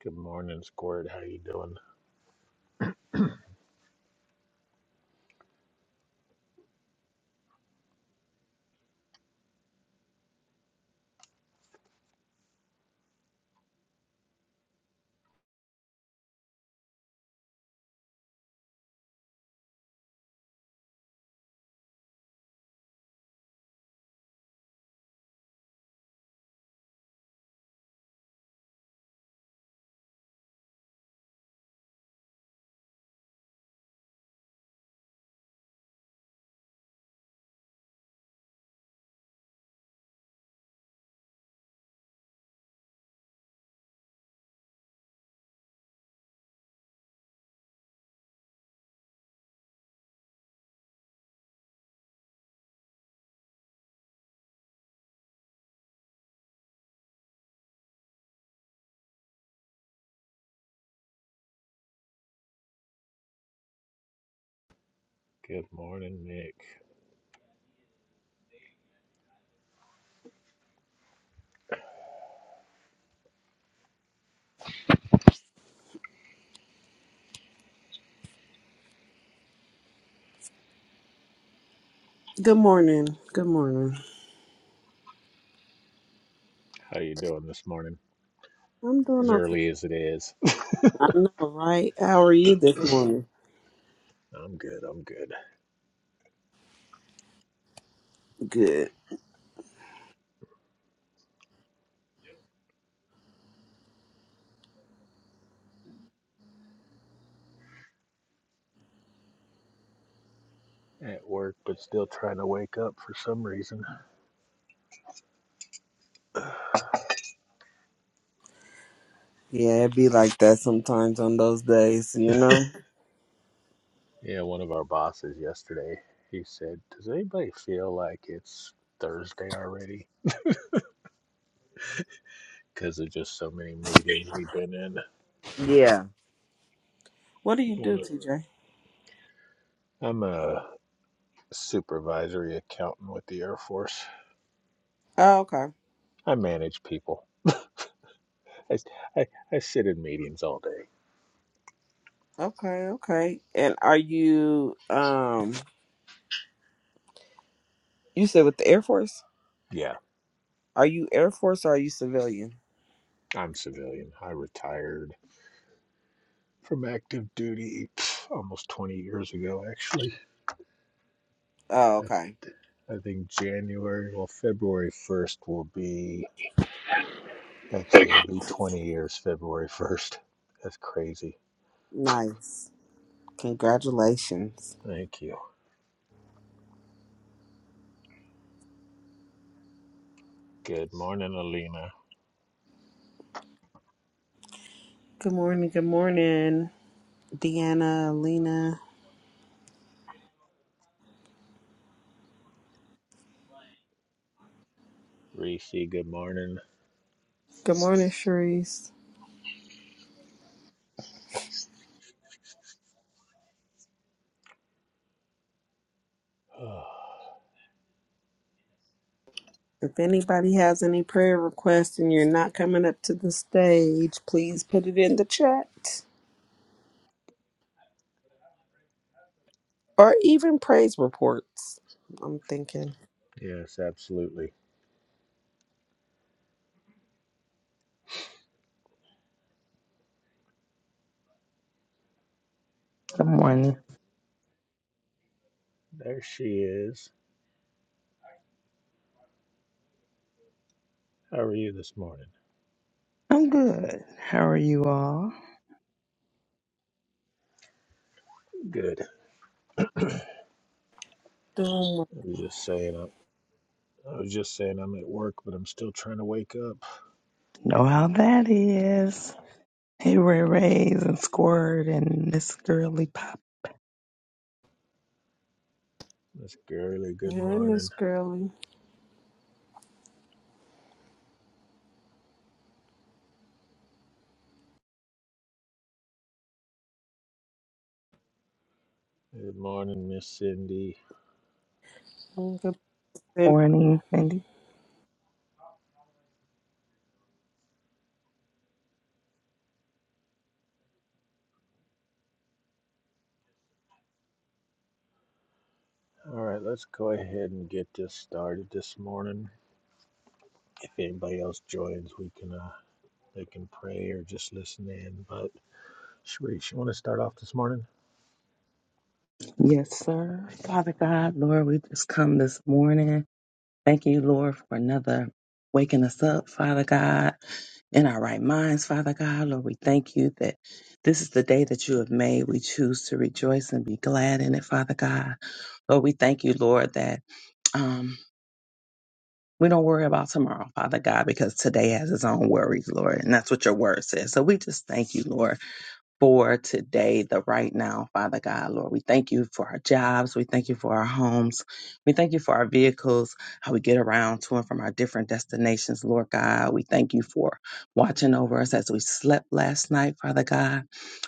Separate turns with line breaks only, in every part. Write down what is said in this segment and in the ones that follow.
Good morning, Squirt. How you doing? Good morning, Nick.
Good morning. Good morning.
How you doing this morning?
I'm doing
As
okay.
early as it is.
I know, right? How are you this morning?
I'm good. I'm good.
Good.
At work, but still trying to wake up for some reason.
Yeah, it be like that sometimes on those days, you know?
Yeah, one of our bosses yesterday, he said, "Does anybody feel like it's Thursday already?" Because of just so many meetings we've been in.
Yeah. What do you do,
One of,
TJ?
I'm a supervisory accountant with the Air Force.
Oh, okay.
I manage people. I, I, I sit in meetings all day.
Okay, okay. And are you um you said with the Air Force?
Yeah,
Are you Air Force or are you civilian?
I'm civilian. I retired from active duty pff, almost 20 years ago, actually.
Oh,
I,
okay.
I think January, well, February 1st will be, actually, it'll be 20 years February 1st. That's crazy.
Nice. Congratulations.
Thank you. Good morning, Alina.
Good morning, good morning, Deanna, Lena.
Reese, good morning.
Good morning, Sharice.
Oh,
If anybody has any prayer requests and you're not coming up to the stage, please put it in the chat or even praise reports. I'm thinking.
yes, absolutely.
Good morning.
There she is. How are you this morning?
I'm good. How are you all?
Good. I
Doing well.
was just saying, I, I was just saying I'm at work, but I'm still trying to wake up.
Know how that is. Hey, Ray Rays and Squirt and Miss Girly Pop.
Miss Gurley, good
Hey,
morning.
Miss Girly.
Good morning, Miss Cindy.
I'm good.
Morning, Cindy.
All right, let's go ahead and get this started this morning. If anybody else joins, we can uh, they can pray or just listen in. But Sharice, you want to start off this morning?
Yes, sir. Father God, Lord, we just come this morning. Thank you, Lord, for another waking us up, Father God, in our right minds, Father God. Lord, we thank you that this is the day that you have made. We choose to rejoice and be glad in it, Father God. Lord, we thank you, Lord, that. Um, We don't worry about tomorrow, Father God, because today has its own worries, Lord. And that's what your word says. So we just thank you, Lord for today, the right now, Father God, Lord. We thank you for our jobs. We thank you for our homes. We thank you for our vehicles, how we get around to and from our different destinations, Lord God. We thank you for watching over us as we slept last night, Father God.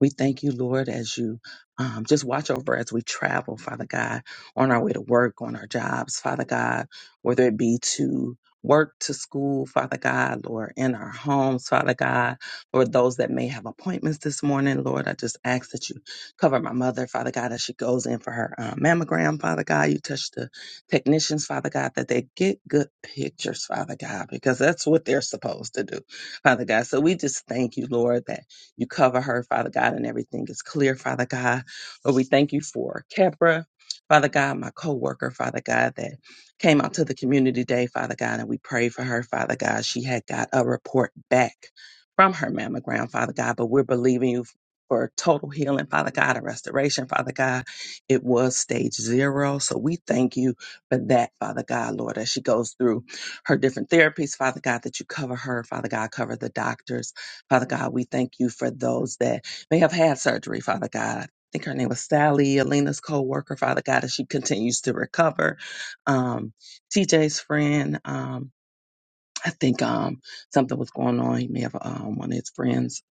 We thank you, Lord, as you um, just watch over as we travel, Father God, on our way to work, on our jobs, Father God, whether it be to work to school, Father God, Lord, in our homes, Father God Lord, those that may have appointments this morning, Lord, I just ask that you cover my mother, Father God, as she goes in for her uh, mammogram, Father God. You touch the technicians, Father God, that they get good pictures, Father God, because that's what they're supposed to do, Father God. So we just thank you, Lord, that you cover her, Father God, and everything is clear, Father God. Lord, we thank you for Kepra. Father God, my co-worker, Father God, that came out to the community day, Father God, and we prayed for her, Father God. She had got a report back from her mammogram, Father God, but we're believing you for total healing, Father God, and restoration, Father God. It was stage zero. So we thank you for that, Father God, Lord, as she goes through her different therapies, Father God, that you cover her, Father God, cover the doctors. Father God, we thank you for those that may have had surgery, Father God. I think her name was Sally, Alina's co worker, Father God, as she continues to recover. Um, TJ's friend. um, I think um something was going on. He may have um, one of his friends.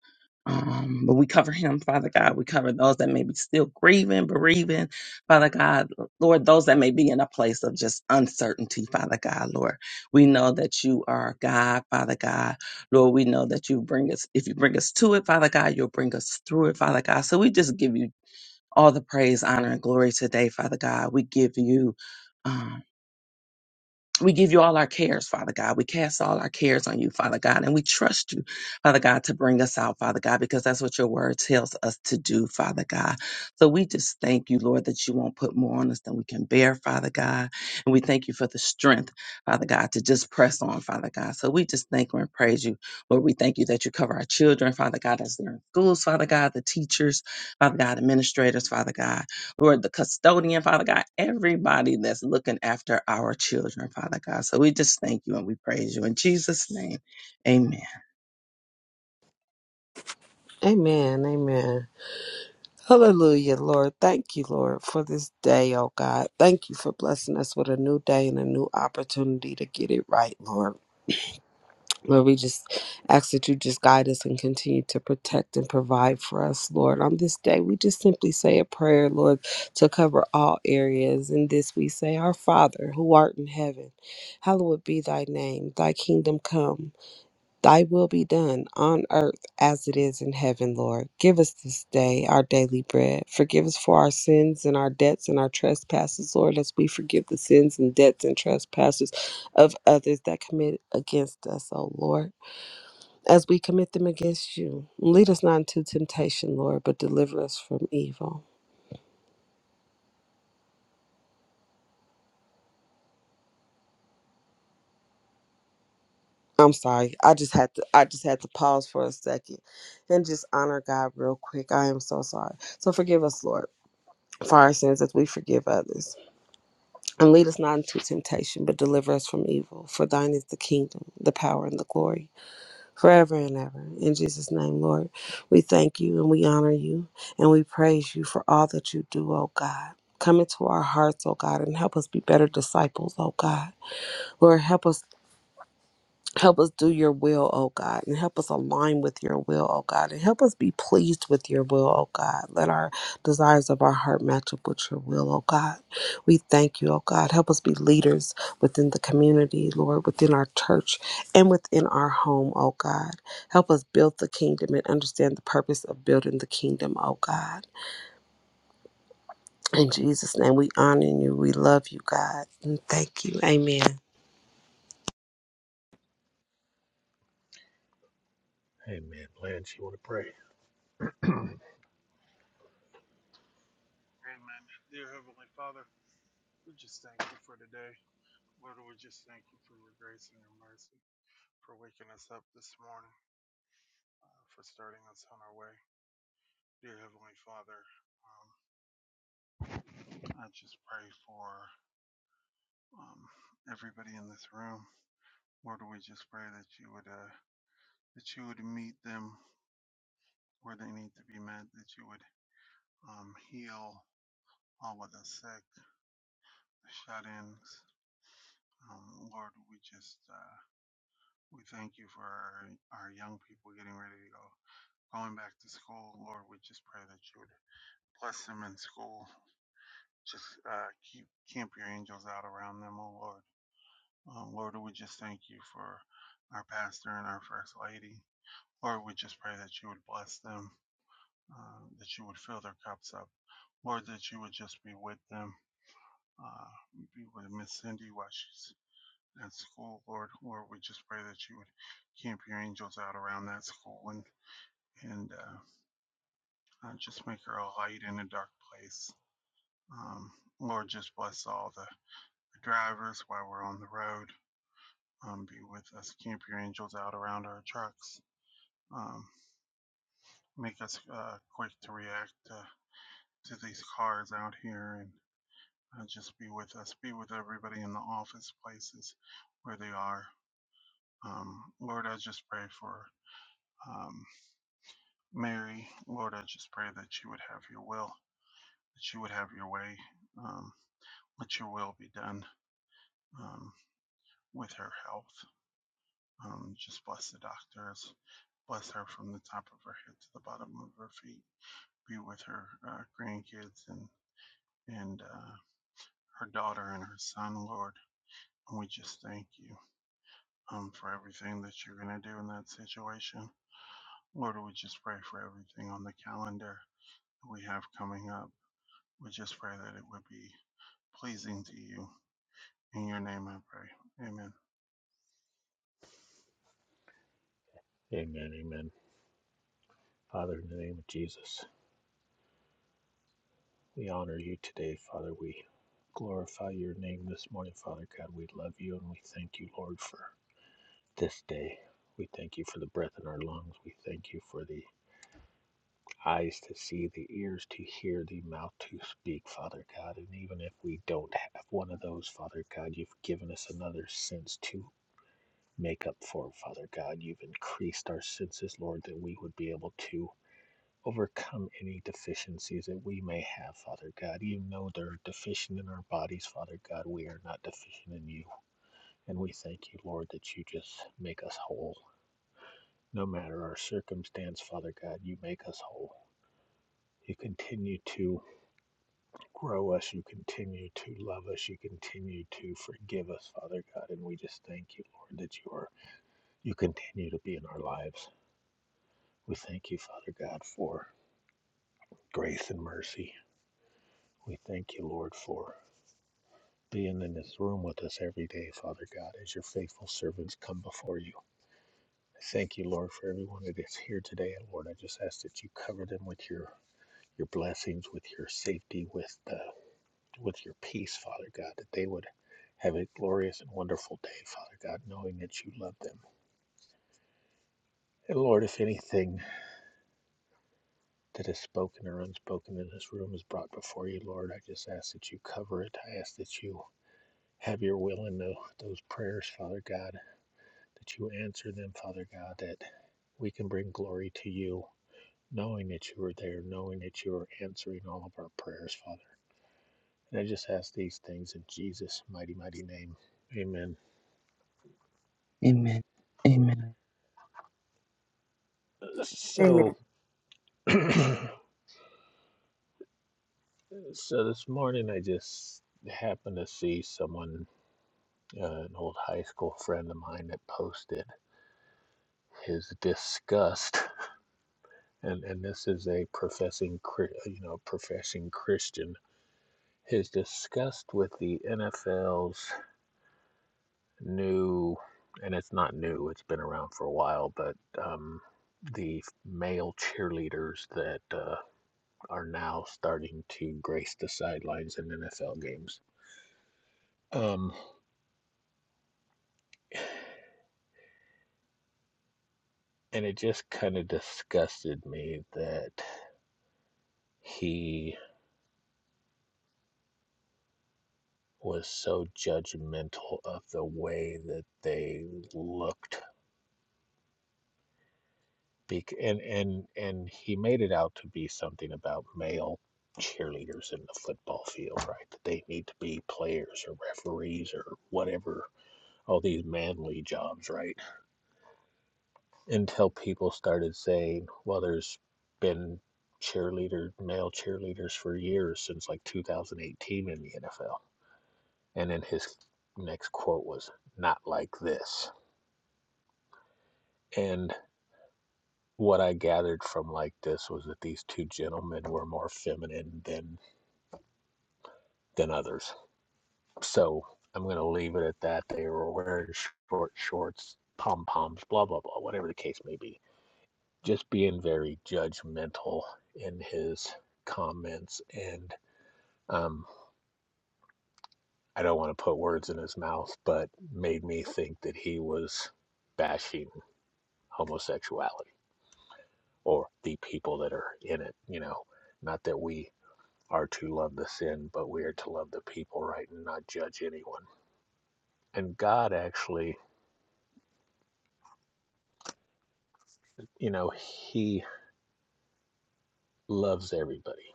Um, but we cover him, Father God. We cover those that may be still grieving, bereaving, Father God. Lord, those that may be in a place of just uncertainty, Father God, Lord. We know that you are God, Father God. Lord, we know that you bring us, if you bring us to it, Father God, you'll bring us through it, Father God. So we just give you all the praise, honor, and glory today, Father God. We give you. um, we give you all our cares, Father God. We cast all our cares on you, Father God, and we trust you, Father God, to bring us out, Father God, because that's what your word tells us to do, Father God. So we just thank you, Lord, that you won't put more on us than we can bear, Father God. And we thank you for the strength, Father God, to just press on, Father God. So we just thank you and praise you. Lord, we thank you that you cover our children, Father God, as they're in schools, Father God, the teachers, Father God, administrators, Father God. Lord, the custodian, Father God, everybody that's looking after our children, Father God. So we just thank you and we praise you. In Jesus' name, amen.
Amen. Amen. Hallelujah, Lord. Thank you, Lord, for this day, oh God. Thank you for blessing us with a new day and a new opportunity to get it right, Lord. Lord, we just ask that you just guide us and continue to protect and provide for us, Lord. On this day, we just simply say a prayer, Lord, to cover all areas. In this, we say, Our Father, who art in heaven, hallowed be thy name. Thy kingdom come, thy will be done on earth as it is in heaven, Lord. Give us this day our daily bread. Forgive us for our sins and our debts and our trespasses, Lord, as we forgive the sins and debts and trespasses of others that commit against us, O Lord as we commit them against you. Lead us not into temptation, Lord, but deliver us from evil. I'm sorry. I just had to I just had to pause for a second and just honor God real quick. I am so sorry. So forgive us, Lord, for our sins as we forgive others. And lead us not into temptation, but deliver us from evil. For thine is the kingdom, the power, and the glory. forever and ever. In Jesus' name, Lord, we thank you and we honor you and we praise you for all that you do, oh God. Come into our hearts, oh God, and help us be better disciples, oh God. Lord, help us. Help us do your will, oh God, and help us align with your will, oh God, and help us be pleased with your will, oh God. Let our desires of our heart match up with your will, oh God. We thank you, oh God. Help us be leaders within the community, Lord, within our church and within our home, oh God. Help us build the kingdom and understand the purpose of building the kingdom, oh God. In Jesus' name, we honor you. We love you, God. And thank you. Amen.
Amen. Blanche, you want to pray?
Amen. Dear Heavenly Father, we just thank you for today. Lord, we just thank you for your grace and your mercy, for waking us up this morning, uh, for starting us on our way. Dear Heavenly Father, um, I just pray for um, everybody in this room. Lord, we just pray that you would uh, that you would meet them where they need to be met, that you would um, heal all of the sick, the shut-ins. Um, Lord, we just uh, We thank you for our, our young people getting ready to go, going back to school. Lord, we just pray that you would bless them in school. Just uh, keep camp your angels out around them, oh Lord. Um, Lord, we just thank you for our pastor and our first lady. Lord, we just pray that you would bless them, uh, that you would fill their cups up. Lord, that you would just be with them, uh, be with Miss Cindy while she's at school, Lord. Lord, we just pray that you would camp your angels out around that school and. and uh, uh, just make her a light in a dark place. Um, Lord, just bless all the, the drivers while we're on the road. Um, be with us. Camp your angels out around our trucks. Um, make us uh, quick to react to, to these cars out here and uh, just be with us. Be with everybody in the office places where they are. Um, Lord, I just pray for um, Mary. Lord, I just pray that you would have your will, that you would have your way. Um, let your will be done um, with her health. Um, just bless the doctors. Bless her from the top of her head to the bottom of her feet. Be with her uh, grandkids and and uh, her daughter and her son, Lord. And we just thank you um, for everything that you're going to do in that situation. Lord, we just pray for everything on the calendar that we have coming up. We just pray that it would be pleasing to you. In your name I pray. Amen.
Amen. Amen. Father, in the name of Jesus, we honor you today, Father. We glorify your name this morning, Father God. We love you and we thank you, Lord, for this day. We thank you for the breath in our lungs. We thank you for the eyes to see, the ears to hear, the mouth to speak, Father God. And even if we don't have one of those, Father God, you've given us another sense to make up for, Father God. You've increased our senses, Lord, that we would be able to overcome any deficiencies that we may have, Father God. You know they're deficient in our bodies, Father God. We are not deficient in you. And we thank you, Lord, that you just make us whole. No matter our circumstance, Father God, you make us whole. You continue to Grow us. You continue to love us. You continue to forgive us, Father God. And we just thank you, Lord, that you are you continue to be in our lives. We thank you, Father God, for grace and mercy. We thank you, Lord, for being in this room with us every day, Father God, as your faithful servants come before you. I thank you, Lord, for everyone that is here today. And Lord, I just ask that you cover them with your your blessings, with your safety, with the with your peace, Father God, that they would have a glorious and wonderful day, Father God, knowing that you love them. And Lord, if anything that is spoken or unspoken in this room is brought before you, Lord, I just ask that you cover it. I ask that you have your will in those prayers, Father God, that you answer them, Father God, that we can bring glory to you, knowing that you are there, knowing that you are answering all of our prayers, Father. And I just ask these things in Jesus' mighty, mighty name. Amen.
Amen. Amen.
So,
Amen.
so this morning I just happened to see someone, uh, an old high school friend of mine, that posted his disgust, and and this is a professing, Chri- you know, professing Christian. His disgust with the NFL's new, and it's not new; it's been around for a while, but um, the male cheerleaders that uh, are now starting to grace the sidelines in NFL games. Um, And it just kind of disgusted me that he was so judgmental of the way that they looked. and, and, and he made it out to be something about male cheerleaders in the football field, right? That they need to be players or referees or whatever, all these manly jobs, right? Until people started saying, well, there's been cheerleader, male cheerleaders for years since like 2018 in the NFL And then his next quote was, not like this. And what I gathered from like this was that these two gentlemen were more feminine than than others. So I'm gonna leave it at that. They were wearing short shorts, pom poms, blah blah blah, whatever the case may be. Just being very judgmental in his comments and um I don't want to put words in his mouth, but made me think that he was bashing homosexuality or the people that are in it, you know. Not that we are to love the sin, but we are to love the people, right, and not judge anyone. And God actually, you know, He loves everybody.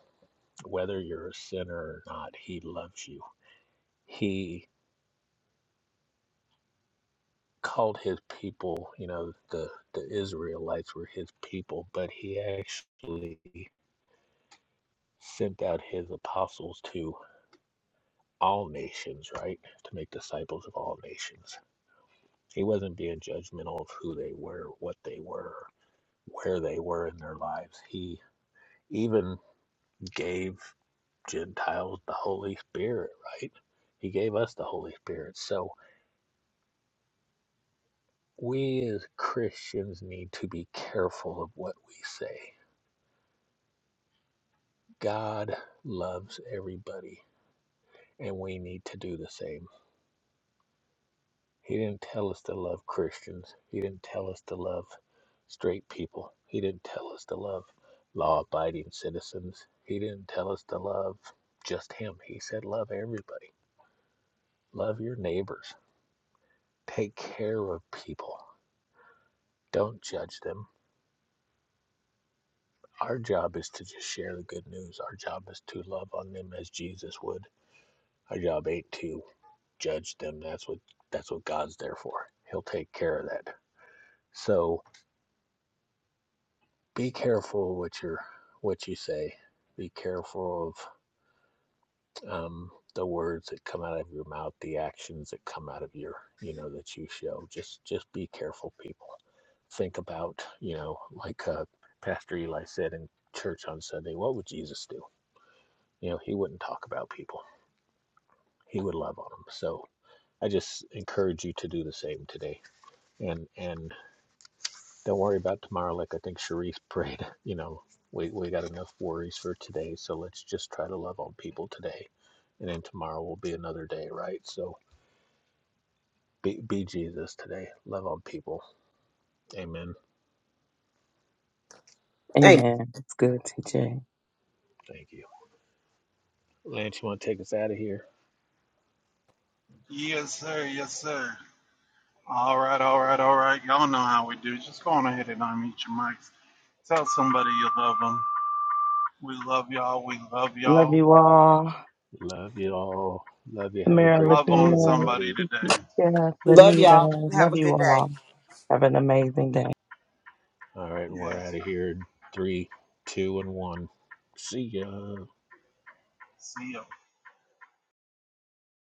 Whether you're a sinner or not, He loves you. He called His people, you know, the, the Israelites were His people, but He actually sent out His apostles to all nations, right, to make disciples of all nations He wasn't being judgmental of who they were, what they were, where they were in their lives. He even gave Gentiles the Holy Spirit, right? He gave us the Holy Spirit. So we as Christians need to be careful of what we say. God loves everybody, and we need to do the same. He didn't tell us to love Christians. He didn't tell us to love straight people. He didn't tell us to love law abiding citizens. He didn't tell us to love just him. He said, love everybody, love your neighbors, take care of people, don't judge them. Our job is to just share the good news. Our job is to love on them as Jesus would. Our job ain't to judge them. That's what that's what God's there for. He'll take care of that. So be careful what you're what you say be careful of um, the words that come out of your mouth the actions that come out of your you know that you show just just be careful people think about you know like uh, pastor eli said in church on sunday what would jesus do you know he wouldn't talk about people he would love on them so i just encourage you to do the same today and and Don't worry about tomorrow. Like I think Sharif prayed, you know, we, we got enough worries for today. So let's just try to love on people today. And then tomorrow will be another day, right? So be, be Jesus today. Love on people. Amen.
Hey,
Amen. It's good, TJ.
Thank you. Lance, you want to take us out of here?
Yes, sir. Yes, sir. All right, all right, all right. Y'all know how we do. Just go on ahead and unmute your mics. Tell somebody you love them. We love y'all. We love
Love
y'all.
you all.
Love you all. Love you. Have a
Tamara,
great
Love
day,
on
Latina,
somebody
everybody.
today.
Jeff,
love
Lanita,
y'all. Have
love
a
you
good day.
all. Have an amazing day.
All right, we're out
Yes.
of here in three, two, and one. See ya.
See ya.